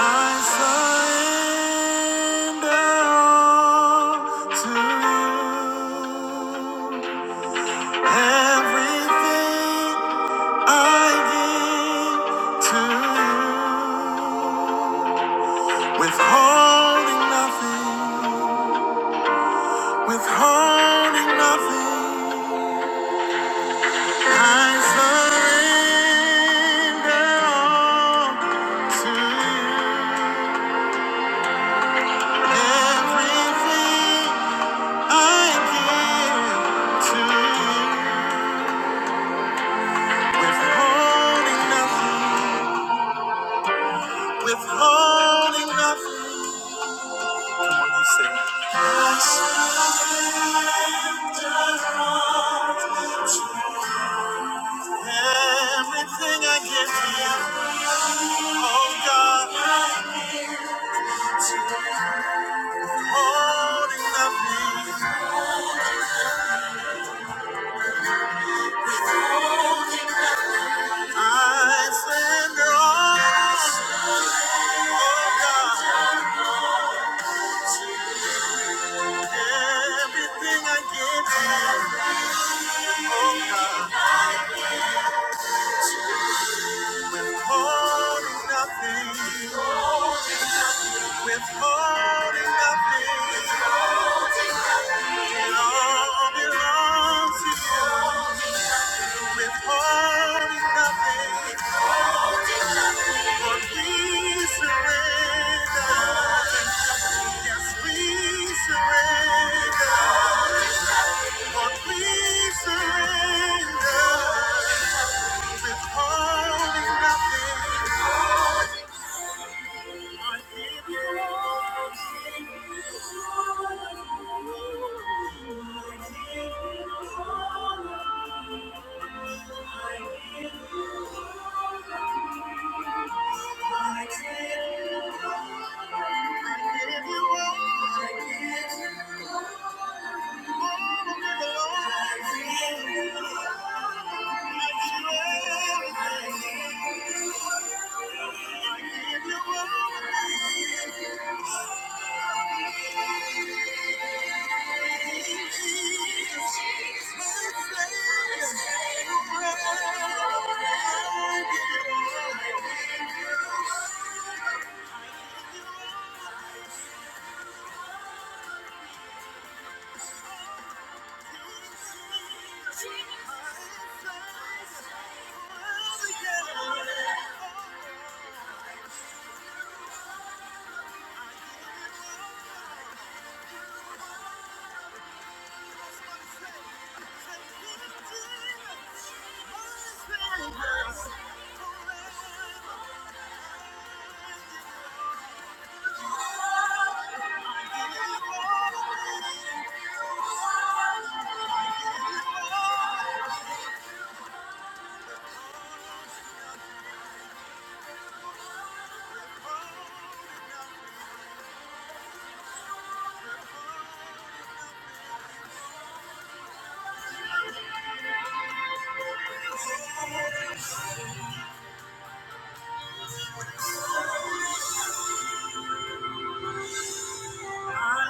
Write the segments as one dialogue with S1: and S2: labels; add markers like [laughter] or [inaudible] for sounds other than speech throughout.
S1: I surrender all to you. Everything I give to you. Withholding nothing, withholding nothing. I surrender all to you. Everything I give to you, withholding nothing, withholding nothing. Come on, you say. I surrender everything I give to you. Oh God, holding nothing. I surrender all. Oh God, everything I give to you. Oh God, holding nothing. Withholding nothing, it all belongs to you. Withholding nothing, but we surrender. Yes, we surrender. but we surrender. Withholding nothing, I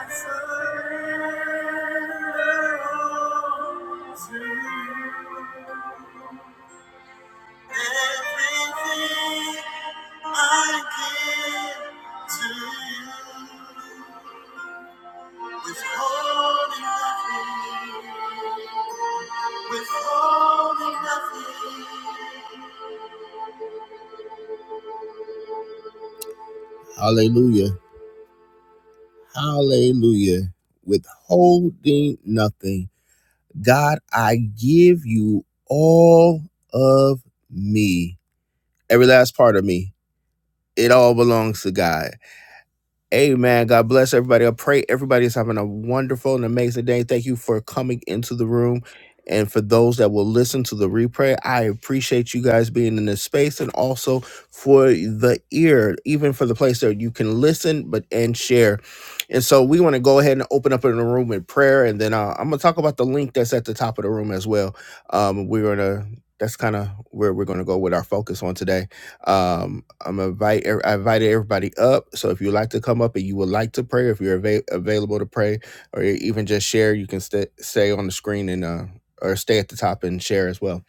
S1: surrender all to you. Everything I give to you, withholding nothing, withholding nothing. Hallelujah. Hallelujah. Withholding nothing. God, I give you all of me. Every last part of me. It all belongs to God. Amen. God bless everybody. I pray everybody is having a wonderful and amazing day. Thank you for coming into the room. And for those that will listen to the replay, I appreciate you guys being in this space and also for the ear, even for the place that you can listen but and share. And so we want to go ahead and open up in the room in prayer. And then uh, I'm going to talk about the link that's at the top of the room as well. Um, we're going to, that's kind of where we're going to go with our focus on today. Um, I'm invite I invited everybody up. So if you like to come up and you would like to pray, if you're ava- available to pray, or even just share, you can st- stay on the screen and uh, or stay at the top and share as well.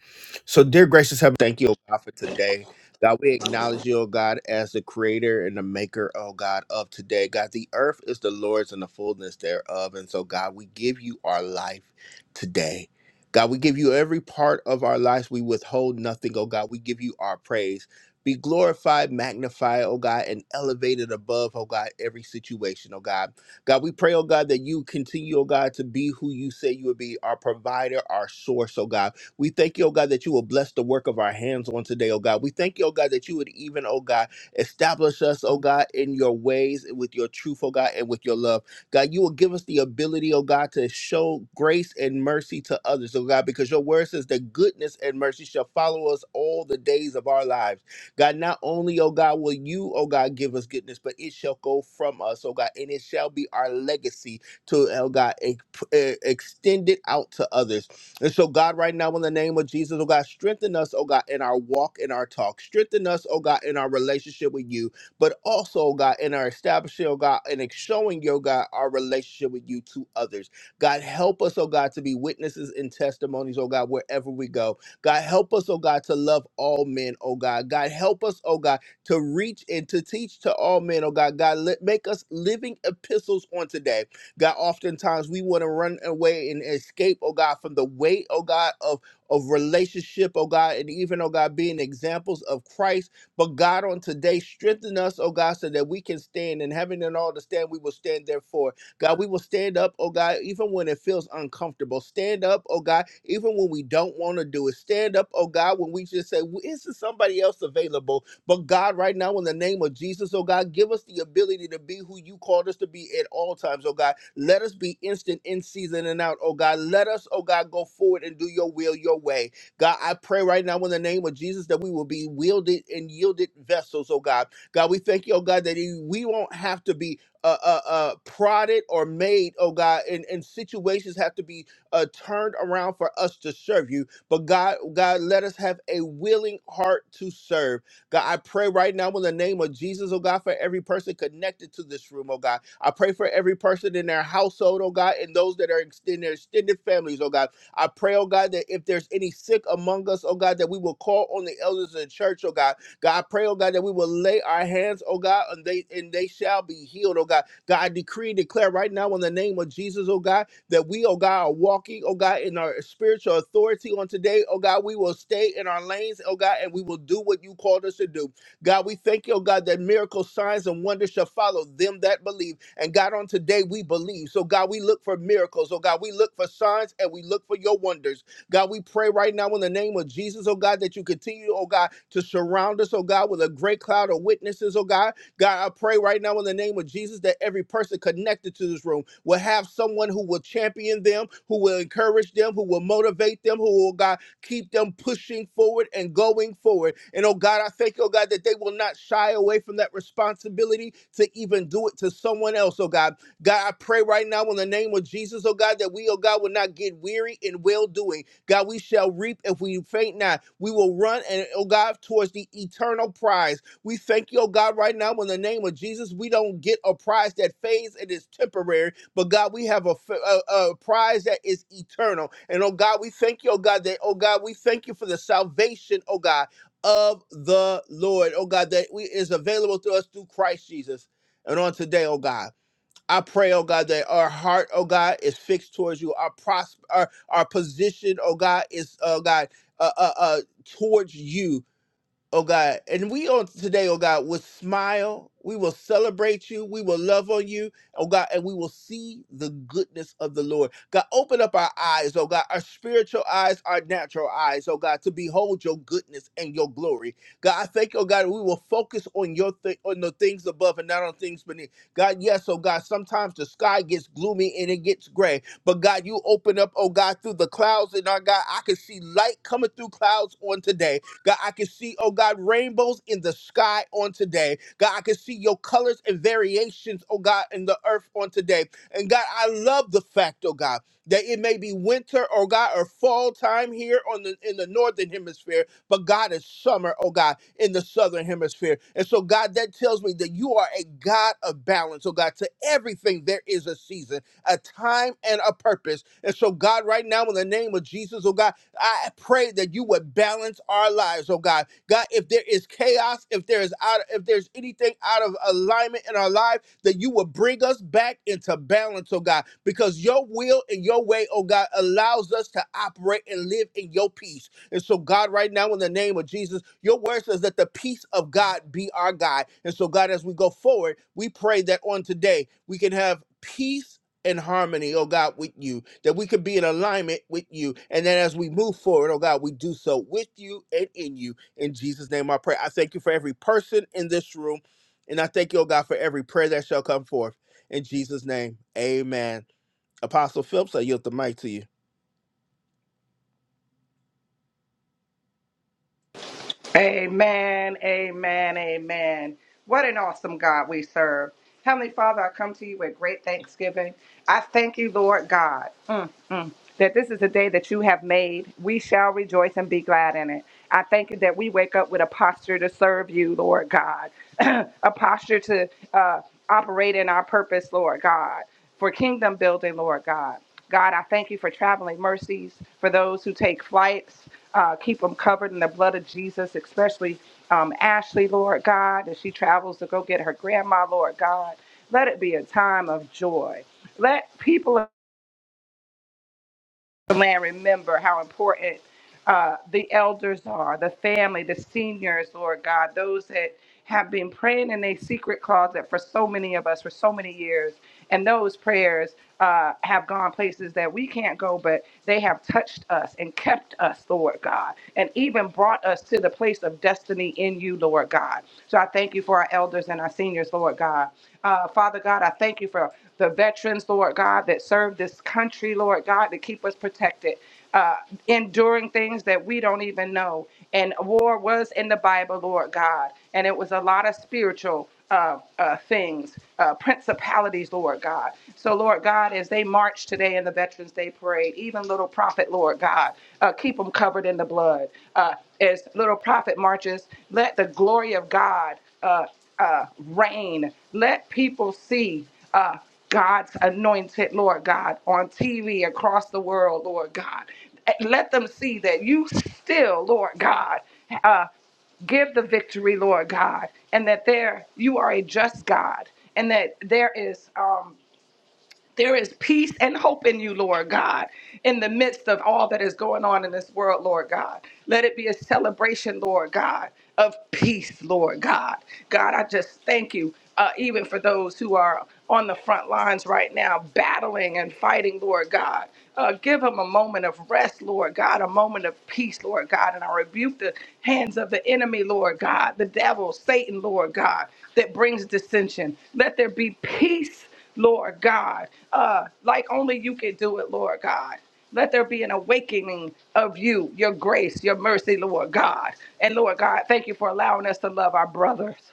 S1: So, dear gracious heaven, thank you, oh God, for today. God, we acknowledge you, oh God, as the creator and the maker, oh God, of today. God, the earth is the Lord's and the fullness thereof. And so, God, we give you our life today. God, we give you every part of our lives. We withhold nothing, oh God. We give you our praise. Be glorified, magnified, oh God, and elevated above, oh God, every situation, oh God. God, we pray, oh God, that you continue, oh God, to be who you say you would be, our provider, our source, oh God. We thank you, oh God, that you will bless the work of our hands on today, oh God. We thank you, oh God, that you would even, oh God, establish us, oh God, in your ways, and with your truth, oh God, and with your love. God, you will give us the ability, oh God, to show grace and mercy to others, oh God, because your word says that goodness and mercy shall follow us all the days of our lives. God, not only, oh God, will you, oh God, give us goodness, but it shall go from us, oh God, and it shall be our legacy to, oh God, ex- eh, extend it out to others. And so, God, right now, in the name of Jesus, oh God, strengthen us, oh God, in our walk and our talk. Strengthen us, oh God, in our relationship with you, but also, oh God, in our establishing, oh God, and ex- showing, oh God, our relationship with you to others. God, help us, oh God, to be witnesses and testimonies, oh God, wherever we go. God, help us, oh God, to love all men, oh God. God, help us, oh God, to reach and to teach to all men, oh God. God, let, make us living epistles on today. God, oftentimes we want to run away and escape, oh God, from the weight, oh God, of, of relationship, oh God, and even, oh God, being examples of Christ. But God, on today, strengthen us, oh God, so that we can stand in heaven and having done all to stand, we will stand therefore. God, we will stand up, oh God, even when it feels uncomfortable. Stand up, oh God, even when we don't want to do it. Stand up, oh God, when we just say, "Well, isn't somebody else available? But God, right now, in the name of Jesus, oh God, give us the ability to be who you called us to be at all times, oh God. Let us be instant in season and out, oh God. Let us, oh God, go forward and do your will, your way. God, I pray right now in the name of Jesus that we will be wielded and yielded vessels, oh God. God, we thank you, oh God, that we won't have to be uh, uh, uh, prodded or made, oh God, and, and situations have to be uh, turned around for us to serve you. But God, God, let us have a willing heart to serve. God, I pray right now in the name of Jesus, oh God, for every person connected to this room, oh God. I pray for every person in their household, oh God, and those that are ex- in their extended families, oh God. I pray, oh God, that if there's any sick among us, oh God, that we will call on the elders of the church, oh God, God, I pray, oh God, that we will lay our hands, oh God, and they and they shall be healed, oh God. God, I decree and declare right now in the name of Jesus, oh God, that we, oh God, are walking, oh God, in our spiritual authority on today, oh God. We will stay in our lanes, oh God, and we will do what you called us to do. God, we thank you, oh God, that miracles, signs, and wonders shall follow them that believe. And God, on today we believe. So God, we look for miracles. Oh God, we look for signs and we look for your wonders. God, we pray right now in the name of Jesus, oh God, that you continue, oh God, to surround us, oh God, with a great cloud of witnesses, oh God. God, I pray right now in the name of Jesus that every person connected to this room will have someone who will champion them, who will encourage them, who will motivate them, who will, oh God, keep them pushing forward and going forward. And oh God, I thank you, oh God, that they will not shy away from that responsibility to even do it to someone else, oh God. God, I pray right now in the name of Jesus, oh God, that we, oh God, will not get weary in well doing God, we shall reap if we faint not. We will run and oh God towards the eternal prize. We thank you, oh God, right now in the name of Jesus. We don't get a prize that fades and is temporary, but God, we have a a a prize that is eternal. And oh God, we thank you, oh God, that oh God, we thank you for the salvation, oh God, of the Lord, oh God, that we is available to us through Christ Jesus. And on today, oh God. I pray, oh God, that our heart, oh God, is fixed towards you. Our prosper, our, our position, oh God, is, oh God, uh, uh, uh, towards you oh God. And we on today, oh God, will smile. We will celebrate you. We will love on you, oh God, and we will see the goodness of the Lord. God, open up our eyes, oh God, our spiritual eyes, our natural eyes, oh God, to behold your goodness and your glory. God, I thank you, oh God, we will focus on your thi- on the things above and not on things beneath. God, yes, oh God, sometimes the sky gets gloomy and it gets gray. But God, you open up, oh God, through the clouds, and our God, I can see light coming through clouds on today. God, I can see, oh God, rainbows in the sky on today. God, I can see your colors and variations, oh God, in the earth on today. And God, I love the fact, oh God, that it may be winter, oh God, or fall time here on the in the northern hemisphere, but God is summer, oh God, in the southern hemisphere. And so, God, that tells me that you are a God of balance, oh God. To everything there is a season a time and a purpose. And so, God, right now, in the name of Jesus, oh God, I pray that you would balance our lives, oh God. God, if there is chaos, if there is out, if there's anything out of alignment in our life, that you would bring us back into balance, oh God, because your will and your way, oh God, allows us to operate and live in your peace. And so, God, right now, in the name of Jesus, your word says that the peace of God be our guide. And so, God, as we go forward, we pray that on today we can have peace in harmony, oh God, with you, that we could be in alignment with you. And then as we move forward, oh God, we do so with you and in you. In Jesus' name I pray. I thank you for every person in this room. And I thank you, oh God, for every prayer that shall come forth. In Jesus' name, amen. Apostle Phillips, I yield the mic to you.
S2: Amen, amen, amen. What an awesome God we serve. Heavenly Father, I come to you with great thanksgiving. I thank you, Lord God. Mm that this is a day that you have made. We shall rejoice and be glad in it. I thank you that we wake up with a posture to serve you, Lord God, [clears throat] a posture to uh, operate in our purpose, Lord God, for kingdom building, Lord God. God, I thank you for traveling mercies for those who take flights. Uh, keep them covered in the blood of Jesus, especially um, Ashley, Lord God, as she travels to go get her grandma, Lord God. Let it be a time of joy. Let people land remember how important uh, the elders are, the family, the seniors, Lord God, those that have been praying in a secret closet for so many of us for so many years. And those prayers uh, have gone places that we can't go, but they have touched us and kept us, Lord God, and even brought us to the place of destiny in you, Lord God. So I thank you for our elders and our seniors, Lord. Lord God. Uh, Father God, I thank you for the veterans, Lord God, that serve this country, Lord God, to keep us protected, uh, enduring things that we don't even know. And war was in the Bible, Lord God, and it was a lot of spiritual uh, uh, things, uh, principalities, Lord God. So, Lord God, as they march today in the Veterans Day Parade, even little prophet, Lord God, uh, keep them covered in the blood. Uh, as little prophet marches, let the glory of God. Uh, uh, reign. Let people see uh, God's anointed, Lord God, on TV across the world, Lord God. Let them see that you still, Lord God, uh, give the victory, Lord God, and that there you are a just God, and that there is. Um, there is peace and hope in you, Lord God, in the midst of all that is going on in this world, Lord God. Let it be a celebration, Lord God, of peace, Lord God. God, I just thank you, uh, even for those who are on the front lines right now, battling and fighting, Lord God. Uh, give them a moment of rest, Lord God, a moment of peace, Lord God. And I rebuke the hands of the enemy, Lord God, the devil, Satan, Lord God, that brings dissension. Let there be peace Lord God, uh, like only you can do it, Lord God. Let there be an awakening of you, your grace, your mercy, Lord God. And Lord God, thank you for allowing us to love our brothers.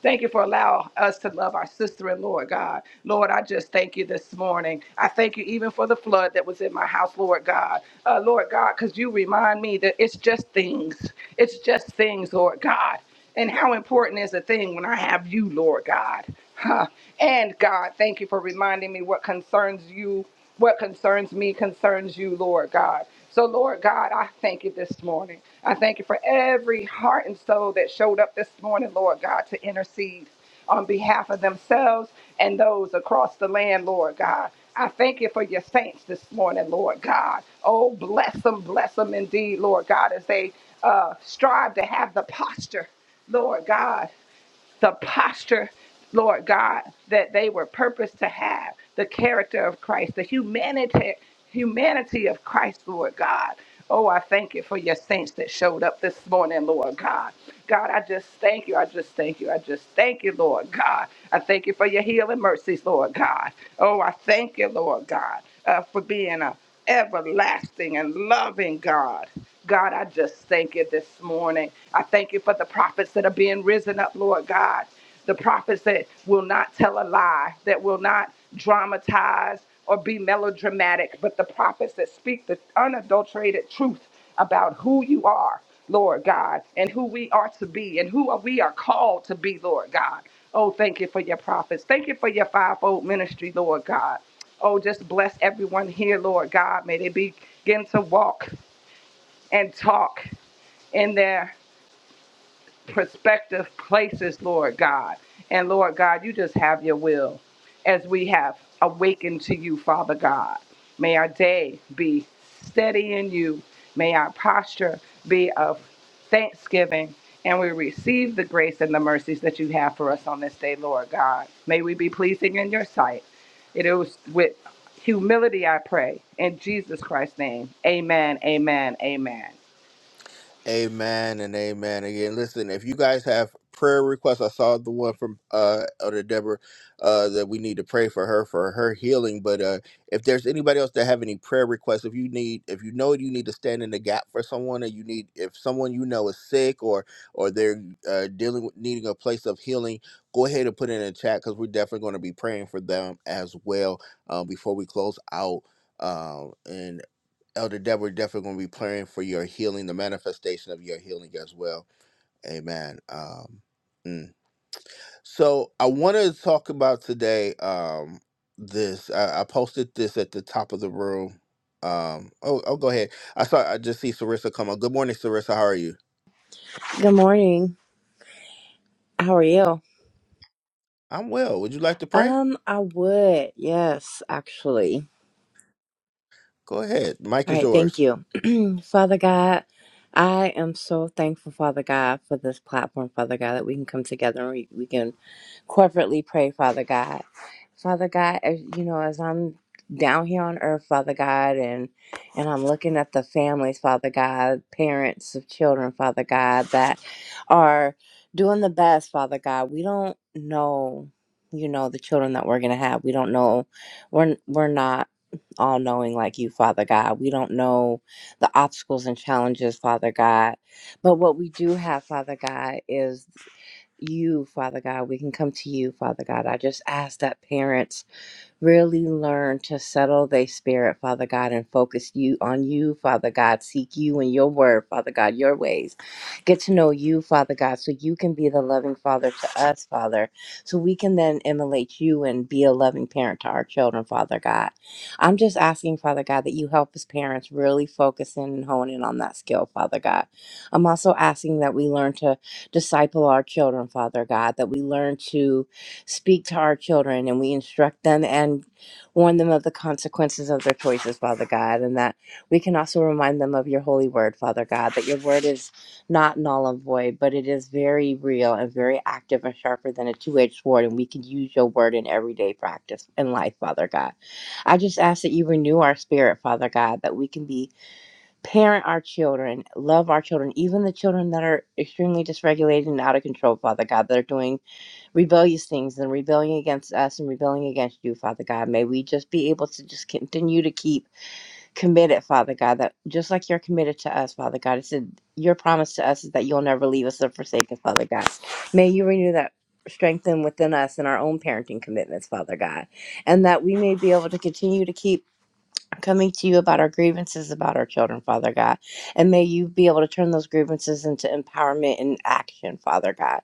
S2: Thank you for allowing us to love our sister and Lord God. Lord, I just thank you this morning. I thank you even for the flood that was in my house, Lord God. Uh, Lord God, because you remind me that it's just things. It's just things, Lord God. And how important is a thing when I have you, Lord God? Huh. And God, thank you for reminding me what concerns you, what concerns me concerns you, Lord God. So, Lord God, I thank you this morning. I thank you for every heart and soul that showed up this morning, Lord God, to intercede on behalf of themselves and those across the land, Lord God. I thank you for your saints this morning, Lord God. Oh, bless them, bless them indeed, Lord God, as they uh, strive to have the posture, Lord God the posture, Lord God, that they were purposed to have, the character of Christ, the humanity, humanity of Christ, Lord God. Oh, I thank you for your saints that showed up this morning, Lord God. God, I just thank you. I just thank you. I just thank you, Lord God. I thank you for your healing mercies, Lord God. Oh, I thank you, Lord God, uh, for being a everlasting and loving God. God, I just thank you this morning. I thank you for the prophets that are being risen up, Lord God. The prophets that will not tell a lie, that will not dramatize or be melodramatic, but the prophets that speak the unadulterated truth about who you are, Lord God, and who we are to be and who we are called to be, Lord God. Oh, thank you for your prophets. Thank you for your fivefold ministry, Lord God. Oh, just bless everyone here, Lord God. May they begin to walk and talk in there prospective places, Lord God. And Lord God, you just have your will as we have awakened to you, Father God. May our day be steady in you. May our posture be of thanksgiving. And we receive the grace and the mercies that you have for us on this day, Lord God. May we be pleasing in your sight. It is with humility I pray. In Jesus Christ's name, amen, amen, amen.
S1: Amen and amen. Again, listen, if you guys have prayer requests, I saw the one from uh Elder Deborah uh that we need to pray for her for her healing. But uh if there's anybody else that have any prayer requests, if you need if you know you need to stand in the gap for someone or you need if someone you know is sick or or they're uh dealing with needing a place of healing, go ahead and put it in the chat because we're definitely going to be praying for them as well um before we close out. Um and Elder Deborah, definitely going to be praying for your healing, the manifestation of your healing as well. Amen. Um, mm. So I wanted to talk about today um, this. I, I posted this at the top of the room. Um, oh, oh, go ahead. I saw. I just see Sarissa come on. Good morning, Sarissa. How are you?
S3: Good morning. How are you?
S1: I'm well. Would you like to pray?
S3: Um, I would. Yes, actually.
S1: Go ahead. Mike
S3: All
S1: is
S3: right, thank
S1: yours.
S3: you. [clears throat] Father God, I am so thankful, Father God, for this platform, Father God, that we can come together and we, we can corporately pray, Father God. Father God, as you know, as I'm down here on earth, Father God, and and I'm looking at the families, Father God, parents of children, Father God, that are doing the best, Father God. We don't know, you know, the children that we're gonna have. We don't know we're we're not all knowing like you, Father God. We don't know the obstacles and challenges, Father God. But what we do have, Father God, is you, Father God. We can come to you, Father God. I just ask that parents really learn to settle their spirit, Father God, and focus you on you, Father God. Seek you and your word, Father God, your ways. Get to know you, Father God, so you can be the loving Father to us, Father. So we can then emulate you and be a loving parent to our children, Father God. I'm just asking, Father God, that you help us parents really focus in and hone in on that skill, Father God. I'm also asking that we learn to disciple our children, Father God, that we learn to speak to our children and we instruct them and warn them of the consequences of their choices, Father God, and that we can also remind them of your holy word, Father God, that your word is not null and void, but it is very real and very active and sharper than a two edged sword, and we can use your word in everyday practice and life, Father God. I just ask that you renew our spirit, Father God, that we can be parent our children, love our children, even the children that are extremely dysregulated and out of control, Father God, that are doing rebellious things and rebelling against us and rebelling against you, Father God. May we just be able to just continue to keep committed, Father God, that just like you're committed to us, Father God, it's in- your promise to us is that you'll never leave us or forsake us, Father God. May you renew that strength within us in our own parenting commitments, Father God, and that we may be able to continue to keep coming to you about our grievances about our children, Father God. And may you be able to turn those grievances into empowerment and action, Father God.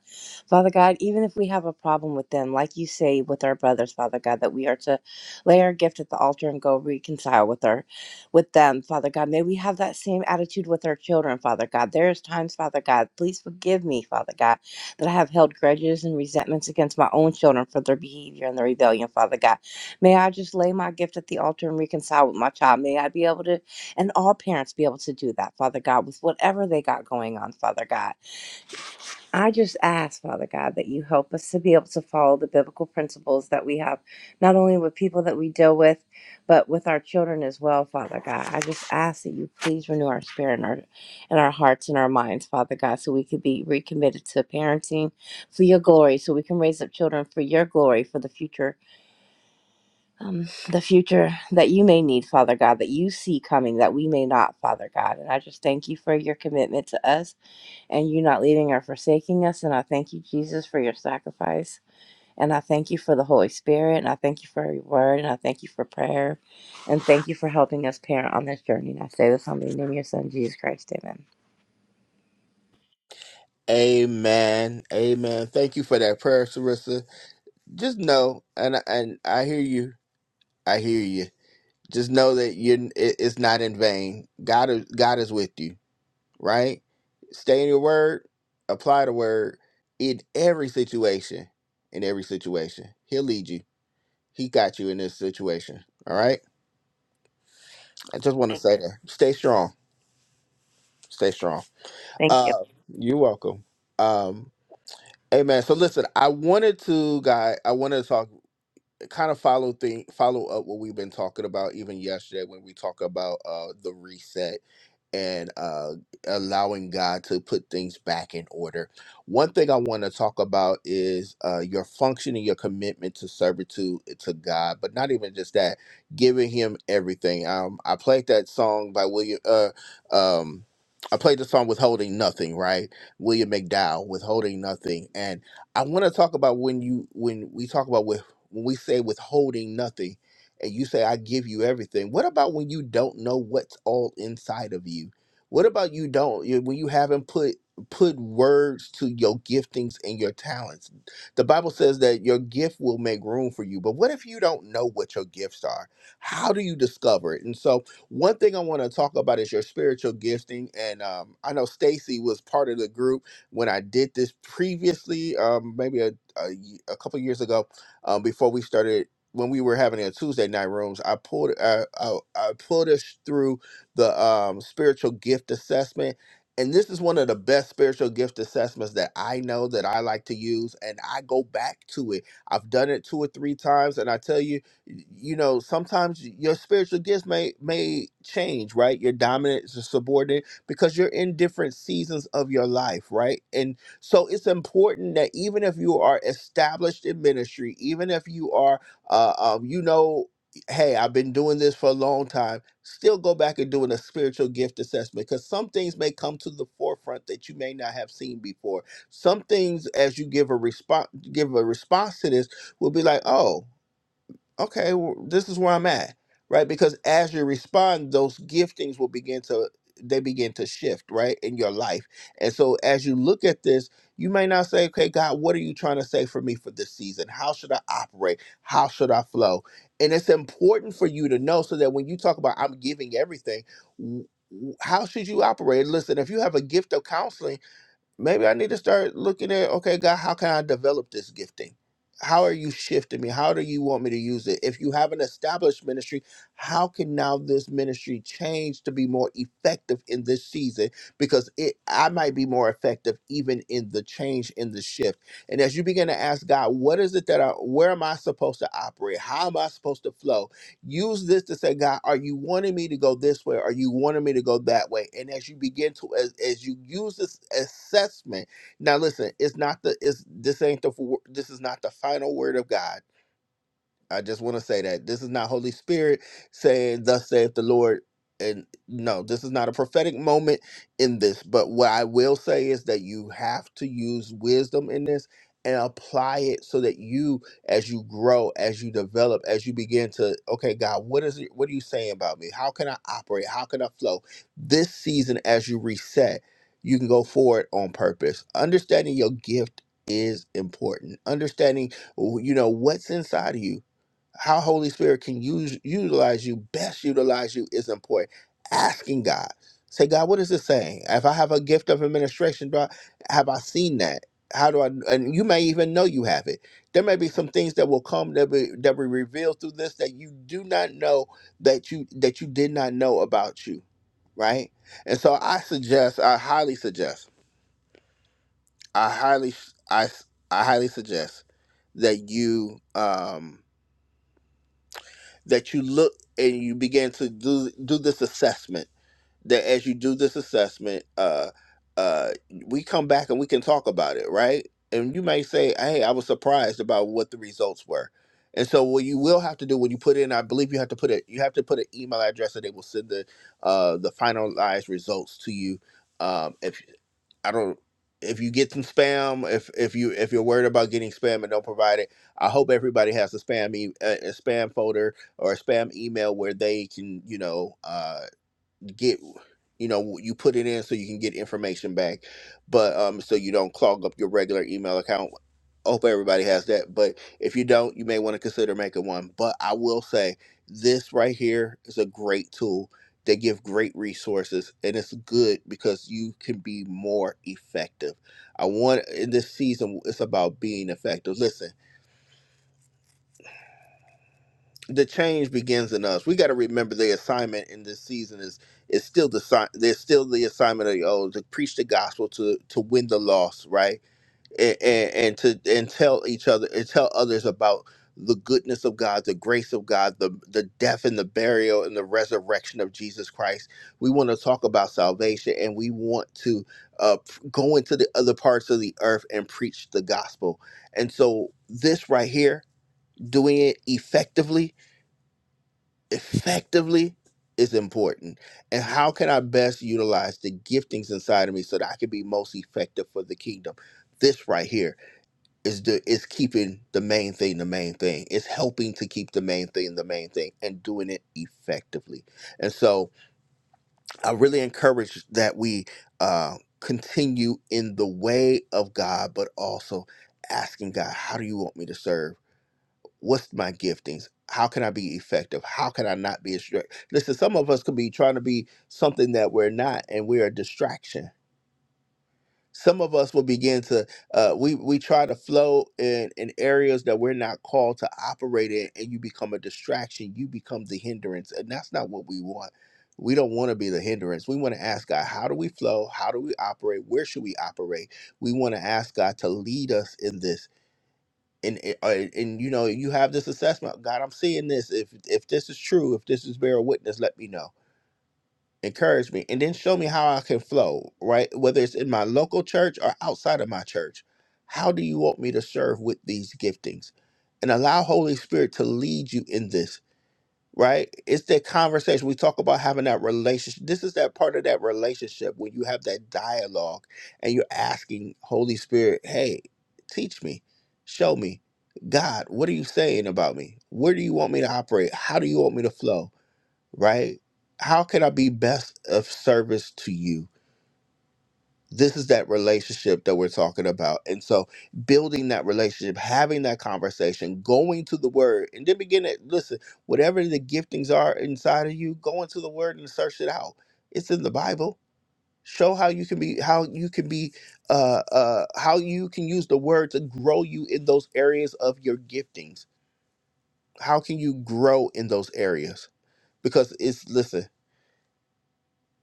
S3: Father God, even if we have a problem with them, like you say with our brothers, Father God, that we are to lay our gift at the altar and go reconcile with our with them, Father God. May we have that same attitude with our children, Father God. There is times, Father God, please forgive me, Father God, that I have held grudges and resentments against my own children for their behavior and their rebellion, Father God. May I just lay my gift at the altar and reconcile with my child. May I be able to, and all parents be able to do that, Father God, with whatever they got going on, Father God. I just ask, Father God, that you help us to be able to follow the biblical principles that we have, not only with people that we deal with, but with our children as well, Father God. I just ask that you please renew our spirit and our, and our hearts and our minds, Father God, so we could be recommitted to parenting for your glory, so we can raise up children for your glory, for the future um, the future that you may need, Father God, that you see coming, that we may not, Father God. And I just thank you for your commitment to us and you not leaving or forsaking us. And I thank you, Jesus, for your sacrifice. And I thank you for the Holy Spirit. And I thank you for your word. And I thank you for prayer. And thank you for helping us parent on this journey. And I say this humbly in the name of your Son, Jesus Christ. Amen.
S1: Amen. Amen. Thank you for that prayer, Sarissa. Just know, and and I hear you. I hear you just know that you are it's not in vain. God is God is with you, right? Stay in your word, apply the word in every situation. In every situation, He'll lead you. He got you in this situation. All right. I just want to say that. Stay strong. Stay strong.
S3: Thank you.
S1: Uh, you're welcome. Um, amen. So listen, I wanted to, guy. I wanted to talk, kind of follow thing, follow up what we've been talking about even yesterday when we talk about uh the reset and uh, allowing God to put things back in order. One thing I want to talk about is uh, your function and your commitment to servitude eh, to God, but not even just that, giving Him everything. Um, I played that song by William. Uh, um, I played the song "Withholding Nothing," right? William McDowell, "Withholding Nothing," and I want to talk about when you when we talk about with when we say withholding nothing and you say, I give you everything. What about when you don't know what's all inside of you? What about you don't you- when you haven't put put words to your giftings and your talents? The Bible says that your gift will make room for you, but what if you don't know what your gifts are? How do you discover it? And so, one thing I want to talk about is your spiritual gifting. And um, I know Stacy was part of the group when I did this previously, um, maybe a, a, ye- a couple years ago, um, before we started when we were having our Tuesday night rooms, I pulled I, I, I pulled us through the um, spiritual gift assessment, and this is one of the best spiritual gift assessments that I know that I like to use, and I go back to it. I've done it two or three times, and I tell you, y- you know, sometimes your spiritual gifts may may change, right? Your dominant, your subordinate, because you're in different seasons of your life, right? And so it's important that even if you are established in ministry, even if you are uh, um, you know, hey, I've been doing this for a long time. Still go back and doing a spiritual gift assessment because some things may come to the forefront that you may not have seen before. Some things, as you give a response, give a response to this, will be like, oh okay, well, this is where I'm at, right? Because as you respond, those giftings will begin to they begin to shift, right, in your life. And so as you look at this, you may not say, okay, God, what are you trying to say for me for this season? How should I operate? How should I flow? And it's important for you to know so that when you talk about I'm giving everything, w- w- how should you operate? Listen, if you have a gift of counseling, maybe I need to start looking at okay, God, how can I develop this gifting? How are you shifting me? How do you want me to use it? If you have an established ministry, how can now this ministry change to be more effective in this season? Because it I might be more effective even in the change in the shift. And as you begin to ask God, what is it that I where am I supposed to operate? How am I supposed to flow? Use this to say, God, are you wanting me to go this way? Are you wanting me to go that way? And as you begin to, as, as you use this assessment, now listen, it's not the, it's, this ain't the, this is not the final word of God I just want to say that this is not Holy Spirit saying, "Thus saith the Lord." And no, this is not a prophetic moment in this. But what I will say is that you have to use wisdom in this and apply it so that you, as you grow, as you develop, as you begin to, okay, God, what is it? What are you saying about me? How can I operate? How can I flow? This season, as you reset, you can go forward on purpose. Understanding your gift is important. Understanding, you know, what's inside of you how Holy Spirit can use utilize you, best utilize you is important. Asking God. Say, God, what is this saying? If I have a gift of administration, do I, have I seen that? How do I and you may even know you have it. There may be some things that will come that be that will revealed through this that you do not know that you that you did not know about you, right? And so I suggest, I highly suggest, I highly I I highly suggest that you um that you look and you begin to do do this assessment that as you do this assessment uh uh we come back and we can talk about it right and you may say hey i was surprised about what the results were and so what you will have to do when you put in i believe you have to put it you have to put an email address and they will send the uh the finalized results to you um if I don't if you get some spam if if you if you're worried about getting spam and don't provide it i hope everybody has a spam e- a, a spam folder or a spam email where they can you know uh get you know you put it in so you can get information back but um so you don't clog up your regular email account hope everybody has that but if you don't you may want to consider making one but i will say this right here is a great tool they give great resources and it's good because you can be more effective i want in this season it's about being effective listen the change begins in us. We got to remember the assignment in this season is is still the si- there's still the assignment of the old to preach the gospel to to win the lost, right? And, and and to and tell each other and tell others about the goodness of God, the grace of God, the the death and the burial and the resurrection of Jesus Christ. We want to talk about salvation and we want to uh, go into the other parts of the earth and preach the gospel. And so this right here, doing it effectively effectively is important and how can i best utilize the giftings inside of me so that i can be most effective for the kingdom this right here is the is keeping the main thing the main thing it's helping to keep the main thing the main thing and doing it effectively and so i really encourage that we uh continue in the way of god but also asking god how do you want me to serve what's my giftings how can i be effective how can i not be a distraction listen some of us could be trying to be something that we're not and we're a distraction some of us will begin to uh, we we try to flow in in areas that we're not called to operate in and you become a distraction you become the hindrance and that's not what we want we don't want to be the hindrance we want to ask god how do we flow how do we operate where should we operate we want to ask god to lead us in this and it- uh, and you know you have this assessment god i'm seeing this if if this is true if this is bear witness let me know encourage me and then show me how i can flow right whether it's in my local church or outside of my church how do you want me to serve with these giftings and allow holy spirit to lead you in this right? It's that conversation. We talk about having that relationship. This is that part of that relationship when you have that dialogue and you're asking Holy Spirit, hey, teach me, show me. God, what are you saying about me? Where do you want me to operate? How do you want me to flow? Right? How can I be best of service to you? this is that relationship that we're talking about. And so building that relationship, having that conversation, going to the word, and then begin to listen, whatever the giftings are inside of you, go into the word and search it out. It's in the Bible. Show how you can be how you can be uh uh how you can use the word to grow you in those areas of your giftings. How can you grow in those areas? Because it's listen,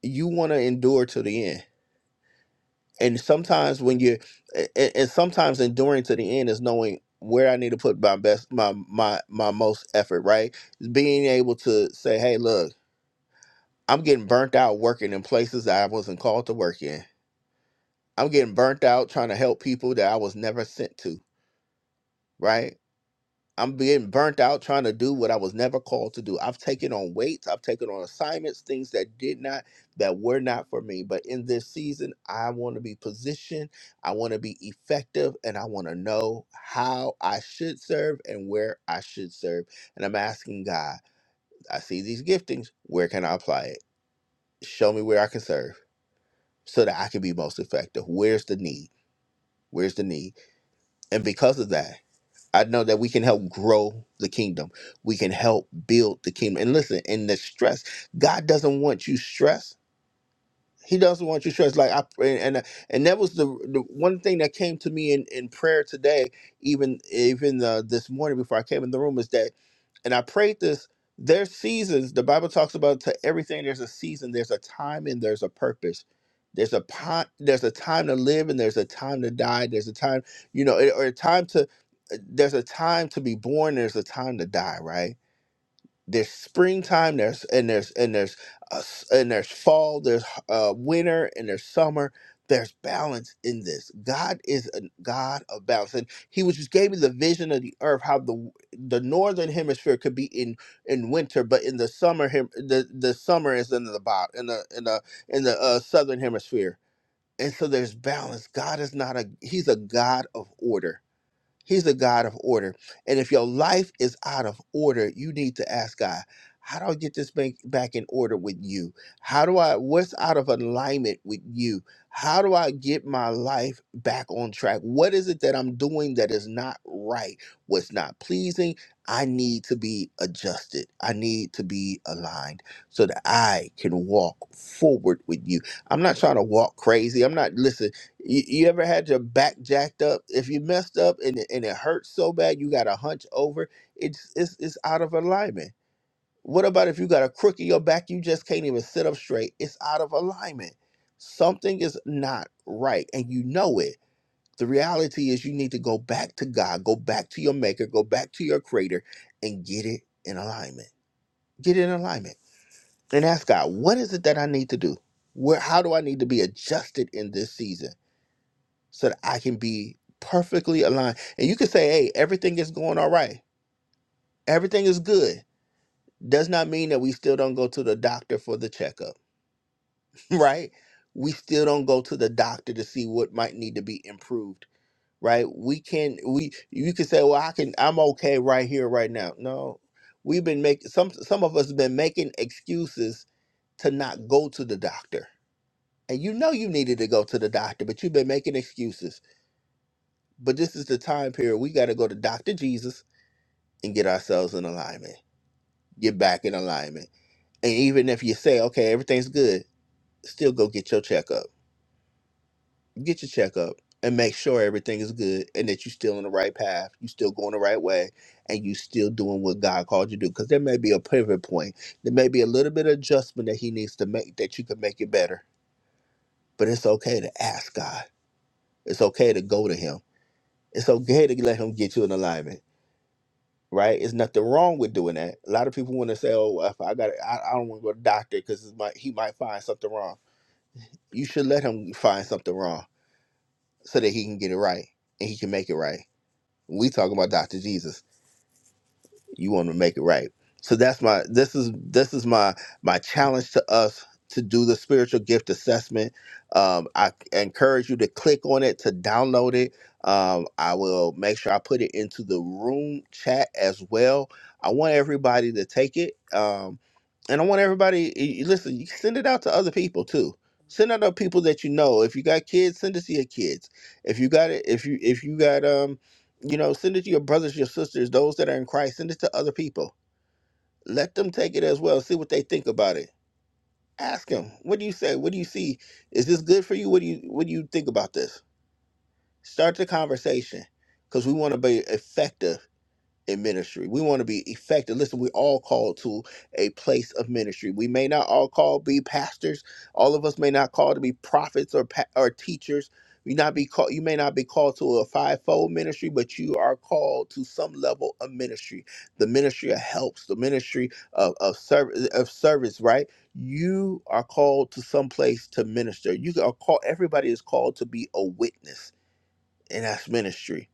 S1: you want to endure to the end and sometimes when you and, and sometimes enduring to the end is knowing where I need to put my best my my my most effort right being able to say hey look I'm getting burnt out working in places that I wasn't called to work in I'm getting burnt out trying to help people that I was never sent to right I'm being burnt out trying to do what I was never called to do. I've taken on weights, I've taken on assignments, things that did not, that were not for me. But in this season, I want to be positioned, I want to be effective, and I want to know how I should serve and where I should serve. And I'm asking God, I see these giftings, where can I apply it? Show me where I can serve so that I can be most effective. Where's the need? Where's the need? And because of that, I know that we can help grow the kingdom. We can help build the kingdom. And listen, in the stress, God doesn't want you stressed. He doesn't want you stressed. Like I and and, and that was the, the one thing that came to me in, in prayer today, even even uh, this morning before I came in the room, is that and I prayed this. There's seasons. The Bible talks about to everything. There's a season. There's a time and there's a purpose. There's a pi- there's a time to live and there's a time to die. There's a time, you know, or a time to. uh, There's a time to be born. There's a time to die. Right there's springtime there's and there's and there's uh, s- and there's fall there's uh, winter and there's summer there's balance in this god is a god of balance and he was just gave me the vision of the earth how the the northern hemisphere could be in in winter but in the summer hem- the the summer is in the bot in the in the in the uh, southern hemisphere and so there's balance god is not a he's a god of order He's the God of order. And if your life is out of order, you need to ask God, how do I get this bank back in order with you? How do I, what's out of alignment with you? How do I get my life back on track? What is it that I'm doing that is not right? What's not pleasing? I need to be adjusted. I need to be aligned so that I can walk forward with you. I'm not trying to walk crazy. I'm not, listen. You, you ever had your back jacked up? If you messed up and it, and it hurts so bad, you got to hunch over. It's it's it's out of alignment. What about if you got a crook in your back? You just can't even sit up straight. It's out of alignment. Something is not right, and you know it. The reality is, you need to go back to God, go back to your Maker, go back to your Creator, and get it in alignment. Get it in alignment, and ask God, what is it that I need to do? Where? How do I need to be adjusted in this season? so that I can be perfectly aligned. And you can say, hey, everything is going all right. Everything is good. Does not mean that we still don't go to the doctor for the checkup, [laughs] right? We still don't go to the doctor to see what might need to be improved, right? We can we you can say, well, I can I'm okay right here, right now. No, we've been making some some of us have been making excuses to not go to the doctor. And you know you needed to go to the doctor, but you've been making excuses But this is the time period we got to go to Dr. Jesus and get ourselves in alignment, get back in alignment. And even if you say, okay, everything's good, still go get your checkup. Get your checkup and make sure everything is good and that you're still on the right path, you're still going the right way, and you still doing what God called you to do. Because there may be a pivot point, there may be a little bit of adjustment that He needs to make that you can make it better. But it's okay to ask God, it's okay to go to Him, it's okay to let Him get you in alignment right? It's nothing wrong with doing that. A lot of people want to say, "Oh, well, if I got, I, I don't want to go to the doctor because might he might find something wrong." You should let him find something wrong so that he can get it right and he can make it right. We talking about Doctor Jesus you want to make it right so that's my this is this is my my challenge to us to do the spiritual gift assessment um, i encourage you to click on it to download it um, i will make sure i put it into the room chat as well i want everybody to take it um, and i want everybody y- y- listen you can send it out to other people too send it out to people that you know if you got kids send it to your kids if you got it if you if you got um you know, send it to your brothers, your sisters, those that are in Christ. Send it to other people. Let them take it as well. See what they think about it. Ask them, what do you say? What do you see? Is this good for you? What do you What do you think about this? Start the conversation because we want to be effective in ministry. We want to be effective. Listen, we're all called to a place of ministry. We may not all call be pastors. All of us may not call to be prophets or pa- or teachers. You not be called. You may not be called to a fivefold ministry, but you are called to some level of ministry. The ministry of helps. The ministry of of service. Of service, right? You are called to some place to minister. You are called. Everybody is called to be a witness, and that's ministry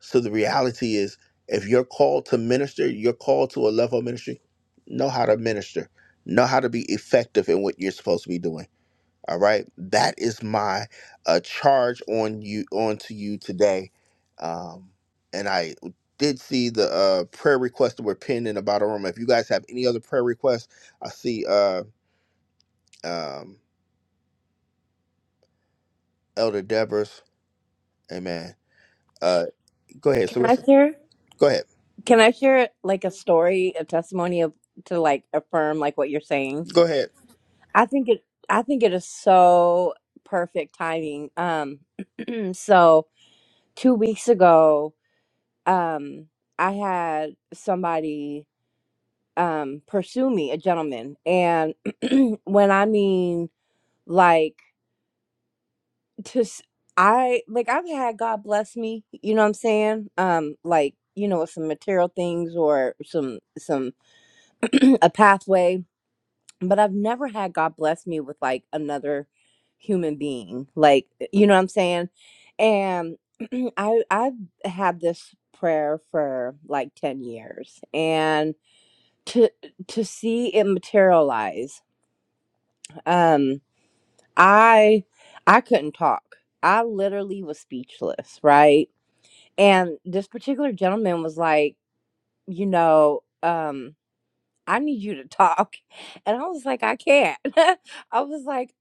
S1: so the reality is, if you're called to minister, you're called to a level of ministry, know how to minister, know how to be effective in what you're supposed to be doing. All right. That is my uh, charge on you onto you today. Um, and I did see the uh, prayer requests that were pinned in the bottom room. If you guys have any other prayer requests, I see uh, um, Elder Deborah's. Amen. Uh, go ahead.
S3: Can
S1: So
S3: I share?
S1: go ahead.
S3: Can I share like a story, a testimony of to like affirm like what you're saying?
S1: Go ahead.
S3: I think it. I think it is so perfect timing. Um, [clears throat] so two weeks ago, um, I had somebody um pursue me, a gentleman, and [clears throat] when I mean like to, s- I like I've had God bless me. You know what I'm saying? Um, like you know with some material things or some some [clears throat] a pathway, but I've never had God bless me with like another human being. Like, eh, you know what I'm saying? And [clears throat] I I've had this prayer for like 10 years and to to see it materialize. Um I I couldn't talk. I literally was speechless, right? And this particular gentleman was like, you know, um I need you to talk. And I was like, I can't. [laughs] I was like,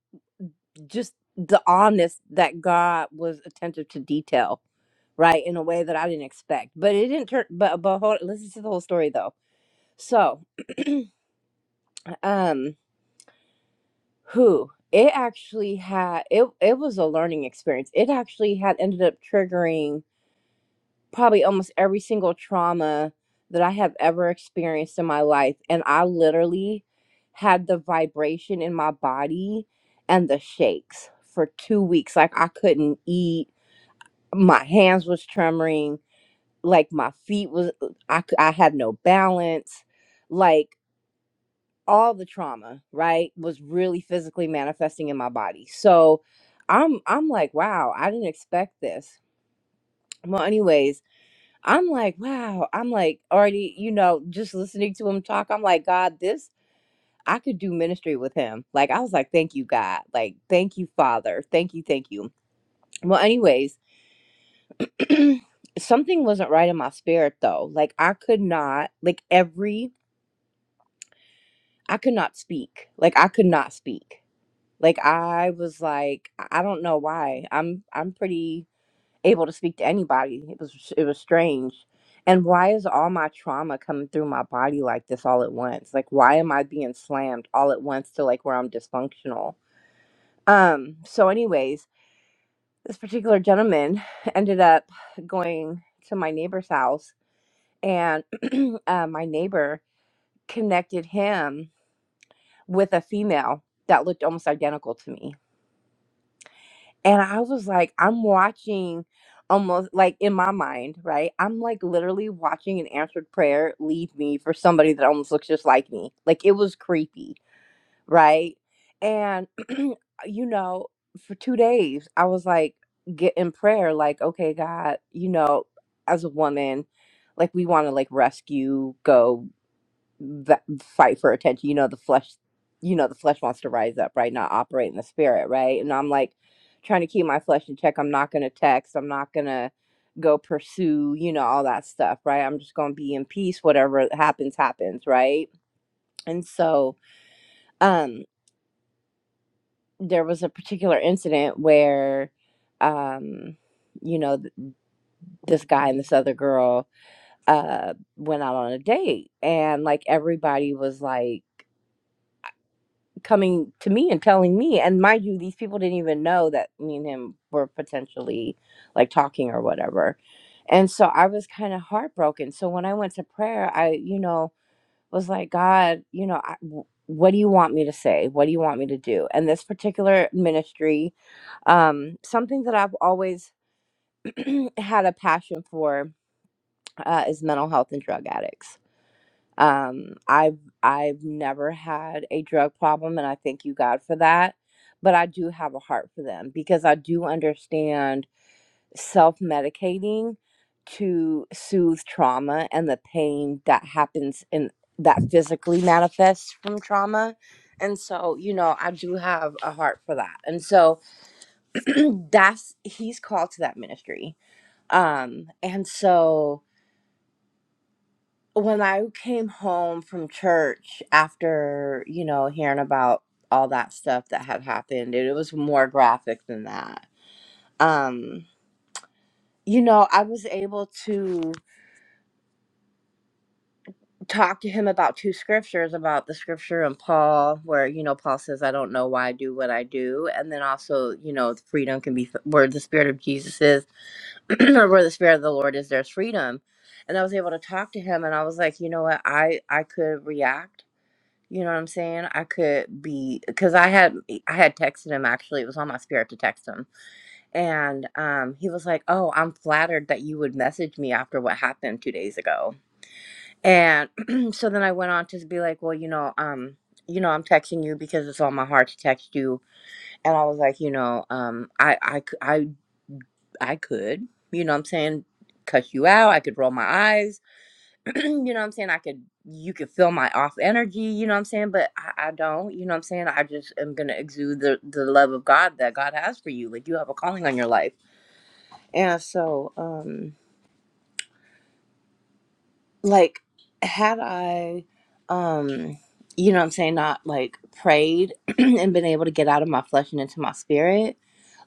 S3: just the honest that God was attentive to detail, right? In a way that I didn't expect. But it didn't turn but but hold listen to the whole story though. So um who it actually had it it was a learning experience. It actually had ended up triggering probably almost every single trauma that I have ever experienced in my life. And I literally had the vibration in my body and the shakes for two weeks. Like I couldn't eat, my hands was trembling, like my feet was, uh, I, c- I had no balance. Like all the trauma, right, was really physically manifesting in my body. So I'm I'm like, wow, I didn't expect this. Well, anyways, I'm like, wow. I'm like already, you know, just listening to him talk. I'm like, God, this I could do ministry with him. Like I was like, thank you, God. Like, thank you, Father. Thank you, thank you. Well, anyways, something wasn't right in my spirit though. Like I could not, like every I could not speak. Like I could not speak. Like I was like, I I don't know why. I'm I'm pretty able to speak to anybody. It was it was strange. And why is all my trauma coming through my body like this all at once? Like why am I being slammed all at once to like where I'm dysfunctional? Um so anyways, this particular gentleman [sighs] ended up going to my neighbor's house and [clears throat] uh, my neighbor connected him with a female that looked almost identical to me And I was like, I'm watching almost like in my mind, right? I'm like literally watching an answered prayer leave me for somebody that almost looks just like me. Like it was creepy, right? And, [clears throat] you know, for two days, I was like, get in prayer, like, okay, God, you know, as a woman, like we want to like rescue, go that fight for attention. You know, the flesh, you know, the flesh wants to rise up, right? Not operate in the spirit, right? And I'm like trying to keep my flesh in check. I'm not going to text. I'm not going to go pursue, you know, all that stuff, right? I'm just going to be in peace. Whatever happens, happens, right? And so, um, there was a particular incident where, um, you know, th- this guy and this other girl, uh, went out on a date and like everybody was like coming to me and telling me and mind you these people didn't even know that me and him were potentially like talking or whatever and so i was kind of heartbroken so when i went to prayer i you know was like god you know I, w- what do you want me to say what do you want me to do and this particular ministry um, something that i've always [clears throat] had a passion for uh, is mental health and drug addicts um, I've I've never had a drug problem, and I thank you God for that. But I do have a heart for them because I do understand self medicating to soothe trauma and the pain that happens in that physically manifests from trauma. And so, you know, I do have a heart for that. And so [clears throat] that's he's called to that ministry. Um, and so when I came home from church after, you know, hearing about all that stuff that had happened, and it was more graphic than that. Um, you know, I was able to talk to him about two scriptures about the scripture in Paul, where, you know, Paul says, I don't know why I do what I do. And then also, you know, freedom can be where the spirit of Jesus is, [clears throat] or where the spirit of the Lord is, there's freedom. And I was able to talk to him, and I was like, you know what? I, I could react You know what I'm saying? I could be because I had e, I had texted him actually. It was on my spirit to text him, and um, he was like, "Oh, I'm flattered that you would message me after what happened two days ago." And [clears throat] so then I went on to be like, "Well, you know, um, you know, I'm texting you because it's on my heart to text you." And I was like, "You know, um, I I c- I I could, you know, what I'm saying, cuss you out. I could roll my eyes." [clears throat] you know what I'm saying? I could, you could feel my off energy, you know what I'm saying? But I, I don't, you know what I'm saying? I just am going to exude the, the love of God that God has for you. Like you have a calling on your life. And so, um, like had i um you know what i'm saying not like prayed [clears throat] and been able to get out of my flesh and into my spirit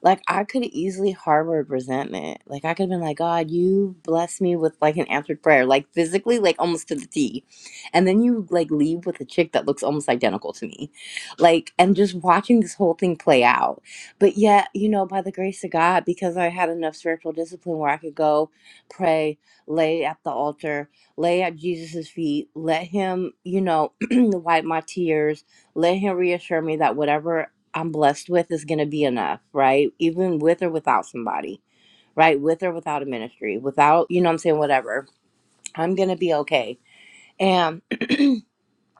S3: like i could have easily harbored resentment like i could have been like god you bless me with like an answered prayer like physically like almost to the t and then you like leave with a chick that looks almost identical to me like and just watching this whole thing play out but yet you know by the grace of god because i had enough spiritual discipline where i could go pray lay at the altar lay at Jesus' feet. Let him, you know, [clears throat] wipe my tears. Let him reassure me that whatever I'm blessed with is going to be enough, right? Even with or without somebody, right? With or without a ministry, without, you know what I'm saying, whatever. I'm going to be okay. And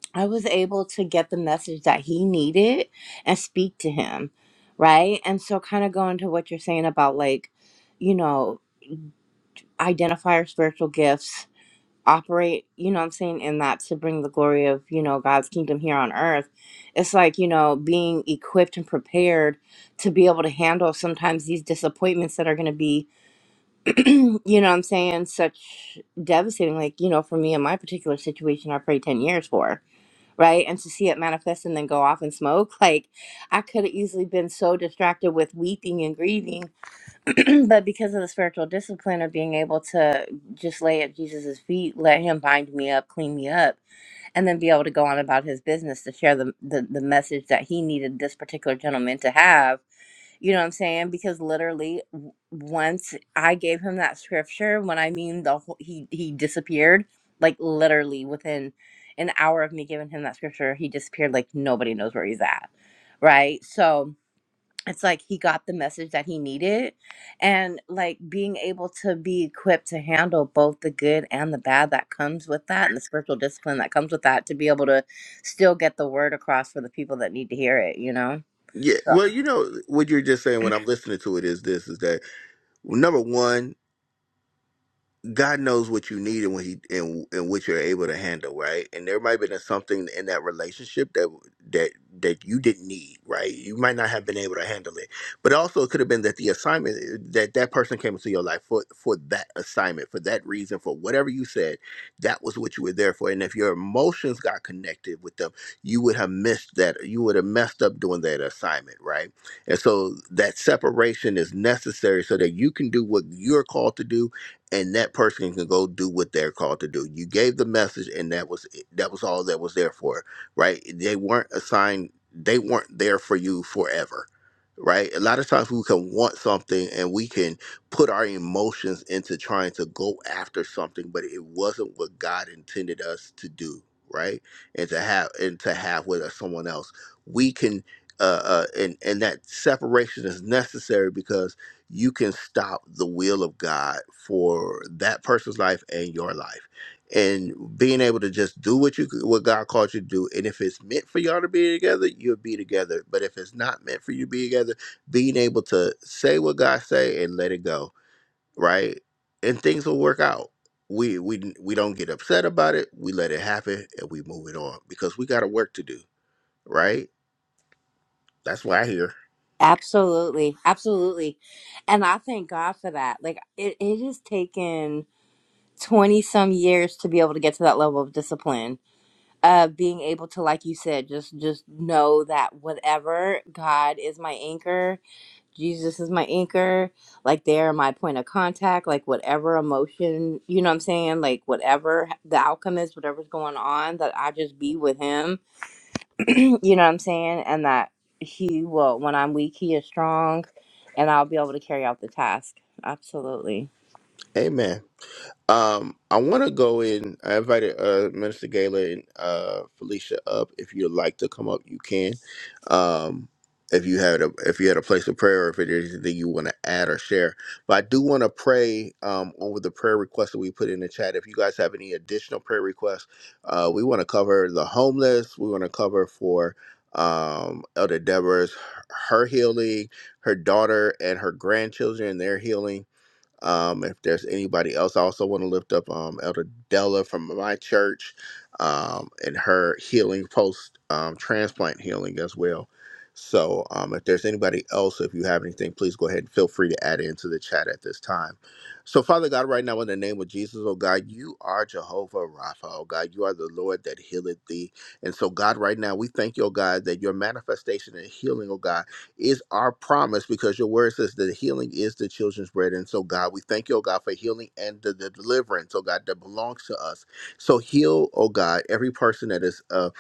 S3: [clears throat] I was able to get the message that he needed and speak to him, right? And so, kind of going to what you're saying about like, you know, identify our spiritual gifts operate, you know what I'm saying, in that to bring the glory of, you know, God's kingdom here on earth. It's like, you know, being equipped and prepared to be able to handle sometimes these disappointments that are going to be, [clears throat] you know what I'm saying, such devastating. Like, you know, for me in my particular situation, I prayed 10 years for, right? And to see it manifest and then go off and smoke, [laughs] like, I could have easily been so distracted with weeping and grieving [clears throat] but because of the spiritual discipline of being able to just lay at Jesus' feet, let him bind me up, clean me up, and then be able to go on about his business to share the, the, the message that he needed this particular gentleman to have. You know what I'm saying? Because literally, w- once I gave him that scripture, when I mean the whole, he, he disappeared, like literally within an hour of me giving him that scripture, he disappeared like nobody knows where he's at. Right. So, it's like he got the message that he needed and like being able to be equipped to handle both the good and the bad that comes with that and the spiritual discipline that comes with that to be able to still get the word across for the people that need to hear it you know
S1: Yeah,
S3: So-
S1: well, you know what you're just saying when I'm listening to it is this: is that well, number one, God knows what you need and what he and and what you're able to handle, right? And there might have been something in that relationship that that that you didn't need, right? You might not have been able to handle it, but also it could have been that the assignment that that person came into your life for for that assignment, for that reason, for whatever you said, that was what you were there for. And if your emotions got connected with them, you would have missed that. You would have messed up doing that assignment, right? And so that separation is necessary so that you can do what you're called to do and that person can go do what they're called to do. You gave the message, and that was it. that was all that was there for, right? They weren't assigned. They weren't there for you forever, right? A lot of times we can want something, and we can put our emotions into trying to go after something, but it wasn't what God intended us to do, right? And to have and to have with us someone else, we can. Uh, uh, and and that separation is necessary because you can stop the will of God for that person's life and your life. And being able to just do what you what God called you to do, and if it's meant for y'all to be together, you'll be together. But if it's not meant for you to be together, being able to say what God say and let it go, right? And things will work out. We we we don't get upset about it. We let it happen and we move it on because we got a work to do, right? That's why I hear.
S3: absolutely absolutely and i thank god for that like it, it has taken 20 some years to be able to get to that level of discipline of being able to like you said just just know that whatever god is my anchor Jesus is my anchor. Like they're my point of contact. Like whatever emotion, you know what I'm saying? Like whatever the outcome is, whatever's going on, that I just be with him. [clears throat] you know what I'm saying? And that he will, when I'm weak, he is strong and I'll be able to carry out the task. Absolutely.
S1: Amen. Um, I want to go in. I invited uh, Minister Gala and uh, Felicia up. If you'd like to come up, you can. Um, if you had a if you had a place of prayer, or if there's anything you want to add or share, but I do want to pray um, over the prayer requests that we put in the chat. If you guys have any additional prayer requests, uh, we want to cover the homeless. We want to cover for um, Elder Deborah's her healing, her daughter and her grandchildren their healing um, if there's anybody else, I also want to lift up um, Elder Della from my church um, and her healing post um, transplant healing as well. So, um, if there's anybody else, if you have anything, please go ahead and feel free to add it into the chat at this time. So, Father God, right now in the name of Jesus, oh God, you are Jehovah Rapha, oh God, you are the Lord that healeth thee. And so, God, right now we thank you, oh God, that your manifestation and healing, oh God is our promise because your word says that healing is the children's bread. And so, God, we thank you, oh God, for healing and the, the deliverance, oh God, that belongs to us. So, heal, oh God, every person that is uh,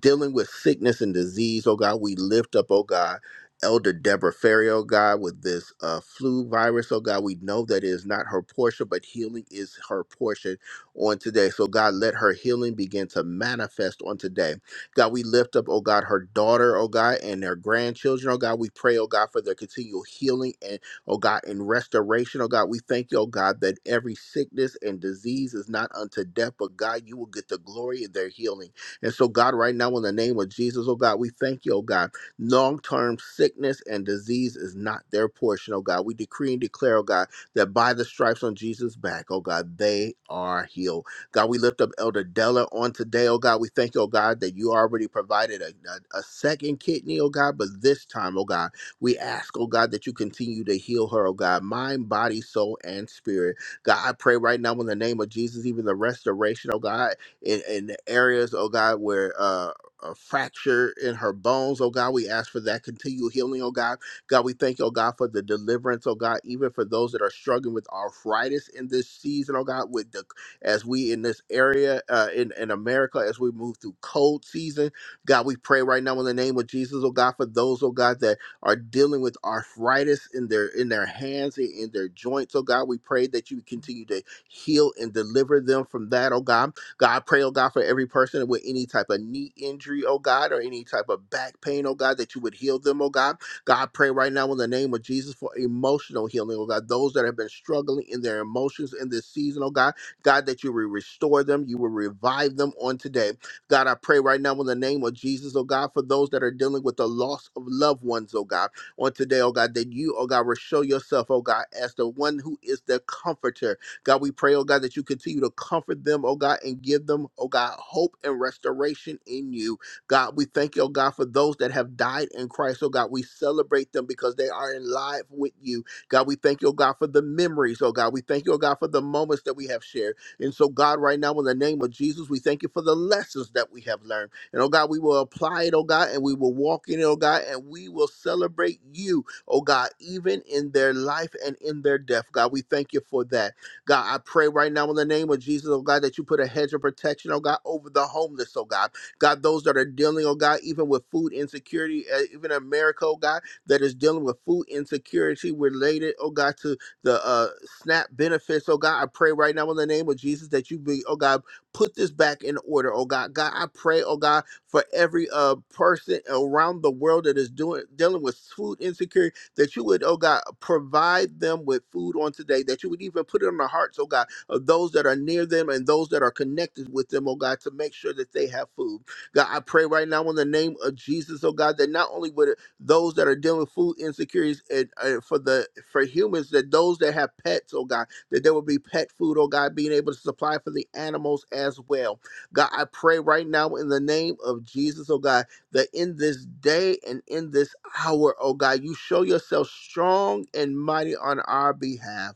S1: dealing with sickness and disease, oh God, we lift up, oh God. Elder Deborah Ferry, oh God, with this uh, flu virus, oh God, we know that it is not her portion, but healing is her portion on today. So, God, let her healing begin to manifest on today. God, we lift up, oh God, her daughter, oh God, and their grandchildren, oh God. We pray, oh God, for their continual healing and, oh God, and restoration, oh God. We thank you, oh God, that every sickness and disease is not unto death, but God, you will get the glory in their healing. And so, God, right now, in the name of Jesus, oh God, we thank you, oh God. Long term sickness and disease is not their portion, oh God. We decree and declare, oh God, that by the stripes on Jesus' back, oh God, they are healed. God, we lift up Elder Della on today, oh God. We thank you, oh God, that you already provided a, a, a second kidney, oh God, but this time, oh God, we ask, oh God, that you continue to heal her, oh God, mind, body, soul, and spirit. God, I pray right now in the name of Jesus, even the restoration, oh God, in, in the areas, oh God, where uh, a fracture in her bones, oh God, we ask for that continual healing, oh God. God, we thank you, oh God, for the deliverance, oh God, even for those that are struggling with arthritis in this season, oh God, with the as we in this area uh, in in America as we move through cold season. God, we pray right now in the name of Jesus, oh God, for those oh God that are dealing with arthritis in their in their hands and in their joints. Oh God, we pray that you continue to heal and deliver them from that. Oh God, God, I pray, oh God, for every person with any type of knee injury, oh God, or any type of back pain, oh God, that you would heal them, oh God. God, I pray right now in the name of Jesus for emotional healing, oh God. Those that have been struggling in their emotions in this season, oh God. God, that you will restore them, you will revive them on today. God, I pray right now in the name of Jesus, oh God, for those that are dealing with the loss of loved ones, oh God, on today, oh God, that you, oh God, will show yourself, oh God, as the one who is the comforter. God, we pray, oh God, that you continue to comfort them, oh God, and give them, oh God, hope and restoration in you. God, we thank you, oh God, for those that have died in Christ, oh God, we celebrate them because they are in life with you. God, we thank you, oh God, for the memories, oh God. We thank you, oh God, for the moments that we have shared. And so, God, right now, in the name of Jesus, we thank you for the lessons that we have learned. And oh God, we will apply it, oh God, and we will walk in it, oh God, and we will celebrate you, oh God, even in their life and in their death. God, we thank you for that. God, I pray right now in the name of Jesus, oh God, that you put a hedge of protection, oh God, over the homeless, oh God. God, those that are dealing, oh God, even with food insecurity, uh, even America, oh God, that is dealing with food insecurity related, oh God, to the uh, SNAP benefits. Oh God, I pray right now in the name of Jesus that you be, oh God, put this back in order. Oh God, God, I pray, oh God, for every uh, person around the world that is doing dealing with food insecurity, that you would, oh God, provide them with food on today, that you would even put it on the hearts, oh God, of those that are near them and those that are connected with them, oh God, to make sure that they have food. God, I pray right now in the name of Jesus, oh God, that not only would those that are dealing with food insecurities and, and for the for humans that those that have pets oh god that there will be pet food oh god being able to supply for the animals as well god i pray right now in the name of jesus oh god that in this day and in this hour oh god you show yourself strong and mighty on our behalf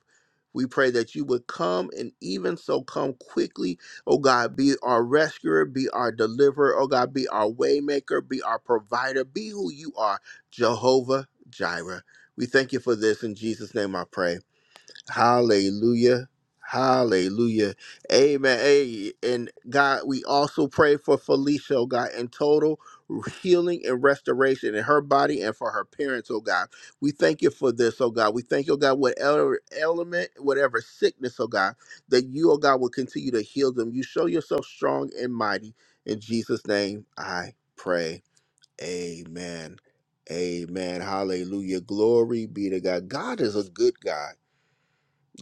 S1: we pray that you would come and even so come quickly. Oh God, be our rescuer, be our deliverer. Oh God, be our waymaker, be our provider, be who you are Jehovah Jireh. We thank you for this. In Jesus' name I pray. Hallelujah. Hallelujah. Amen. Hey, and God, we also pray for Felicia, oh God, in total healing and restoration in her body and for her parents, oh God. We thank you for this, oh God. We thank you, oh God, whatever element, whatever sickness, oh God, that you, oh God, will continue to heal them. You show yourself strong and mighty. In Jesus' name I pray. Amen. Amen. Hallelujah. Glory be to God. God is a good God.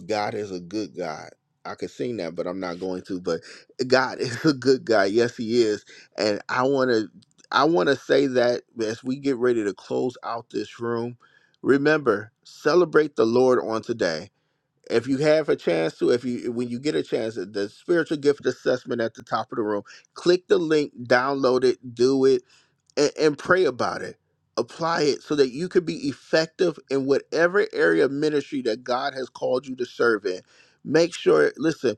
S1: God is a good God. I could sing that, but I'm not going to. But God [laughs] is a good guy. Yes, He is. And I want to, I want to say that as we get ready to close out this room, remember celebrate the Lord on today. If you have a chance to, if you when you get a chance, the spiritual gift assessment at the top of the room, click the link, download it, do it and, and pray about it. Apply it so that you could be effective in whatever area of ministry that God has called you to serve in. Make sure, listen,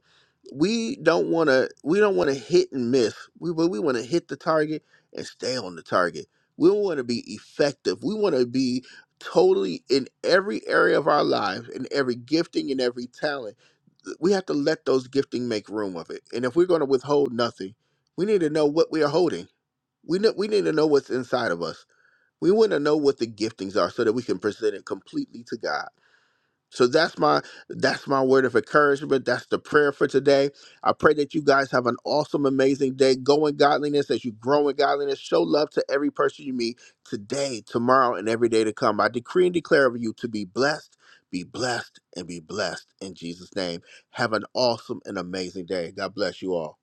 S1: we don't want to we don't want to hit and miss. We but we want to hit the target and stay on the target. We want to be effective. We want to be totally in every area of our lives, in every gifting and every talent we have to let those gifting make room of it. And if we're going to withhold nothing, we need to know what we are holding. We know, we need to know what's inside of us. We want to know what the giftings are so that we can present it completely to God. So that's my that's my word of encouragement. That's the prayer for today. I pray that you guys have an awesome, amazing day. Go in godliness as you grow in godliness. Show love to every person you meet today, tomorrow, and every day to come. I decree and declare over you to be blessed, be blessed, and be blessed in Jesus' name. Have an awesome and amazing day. God bless you all.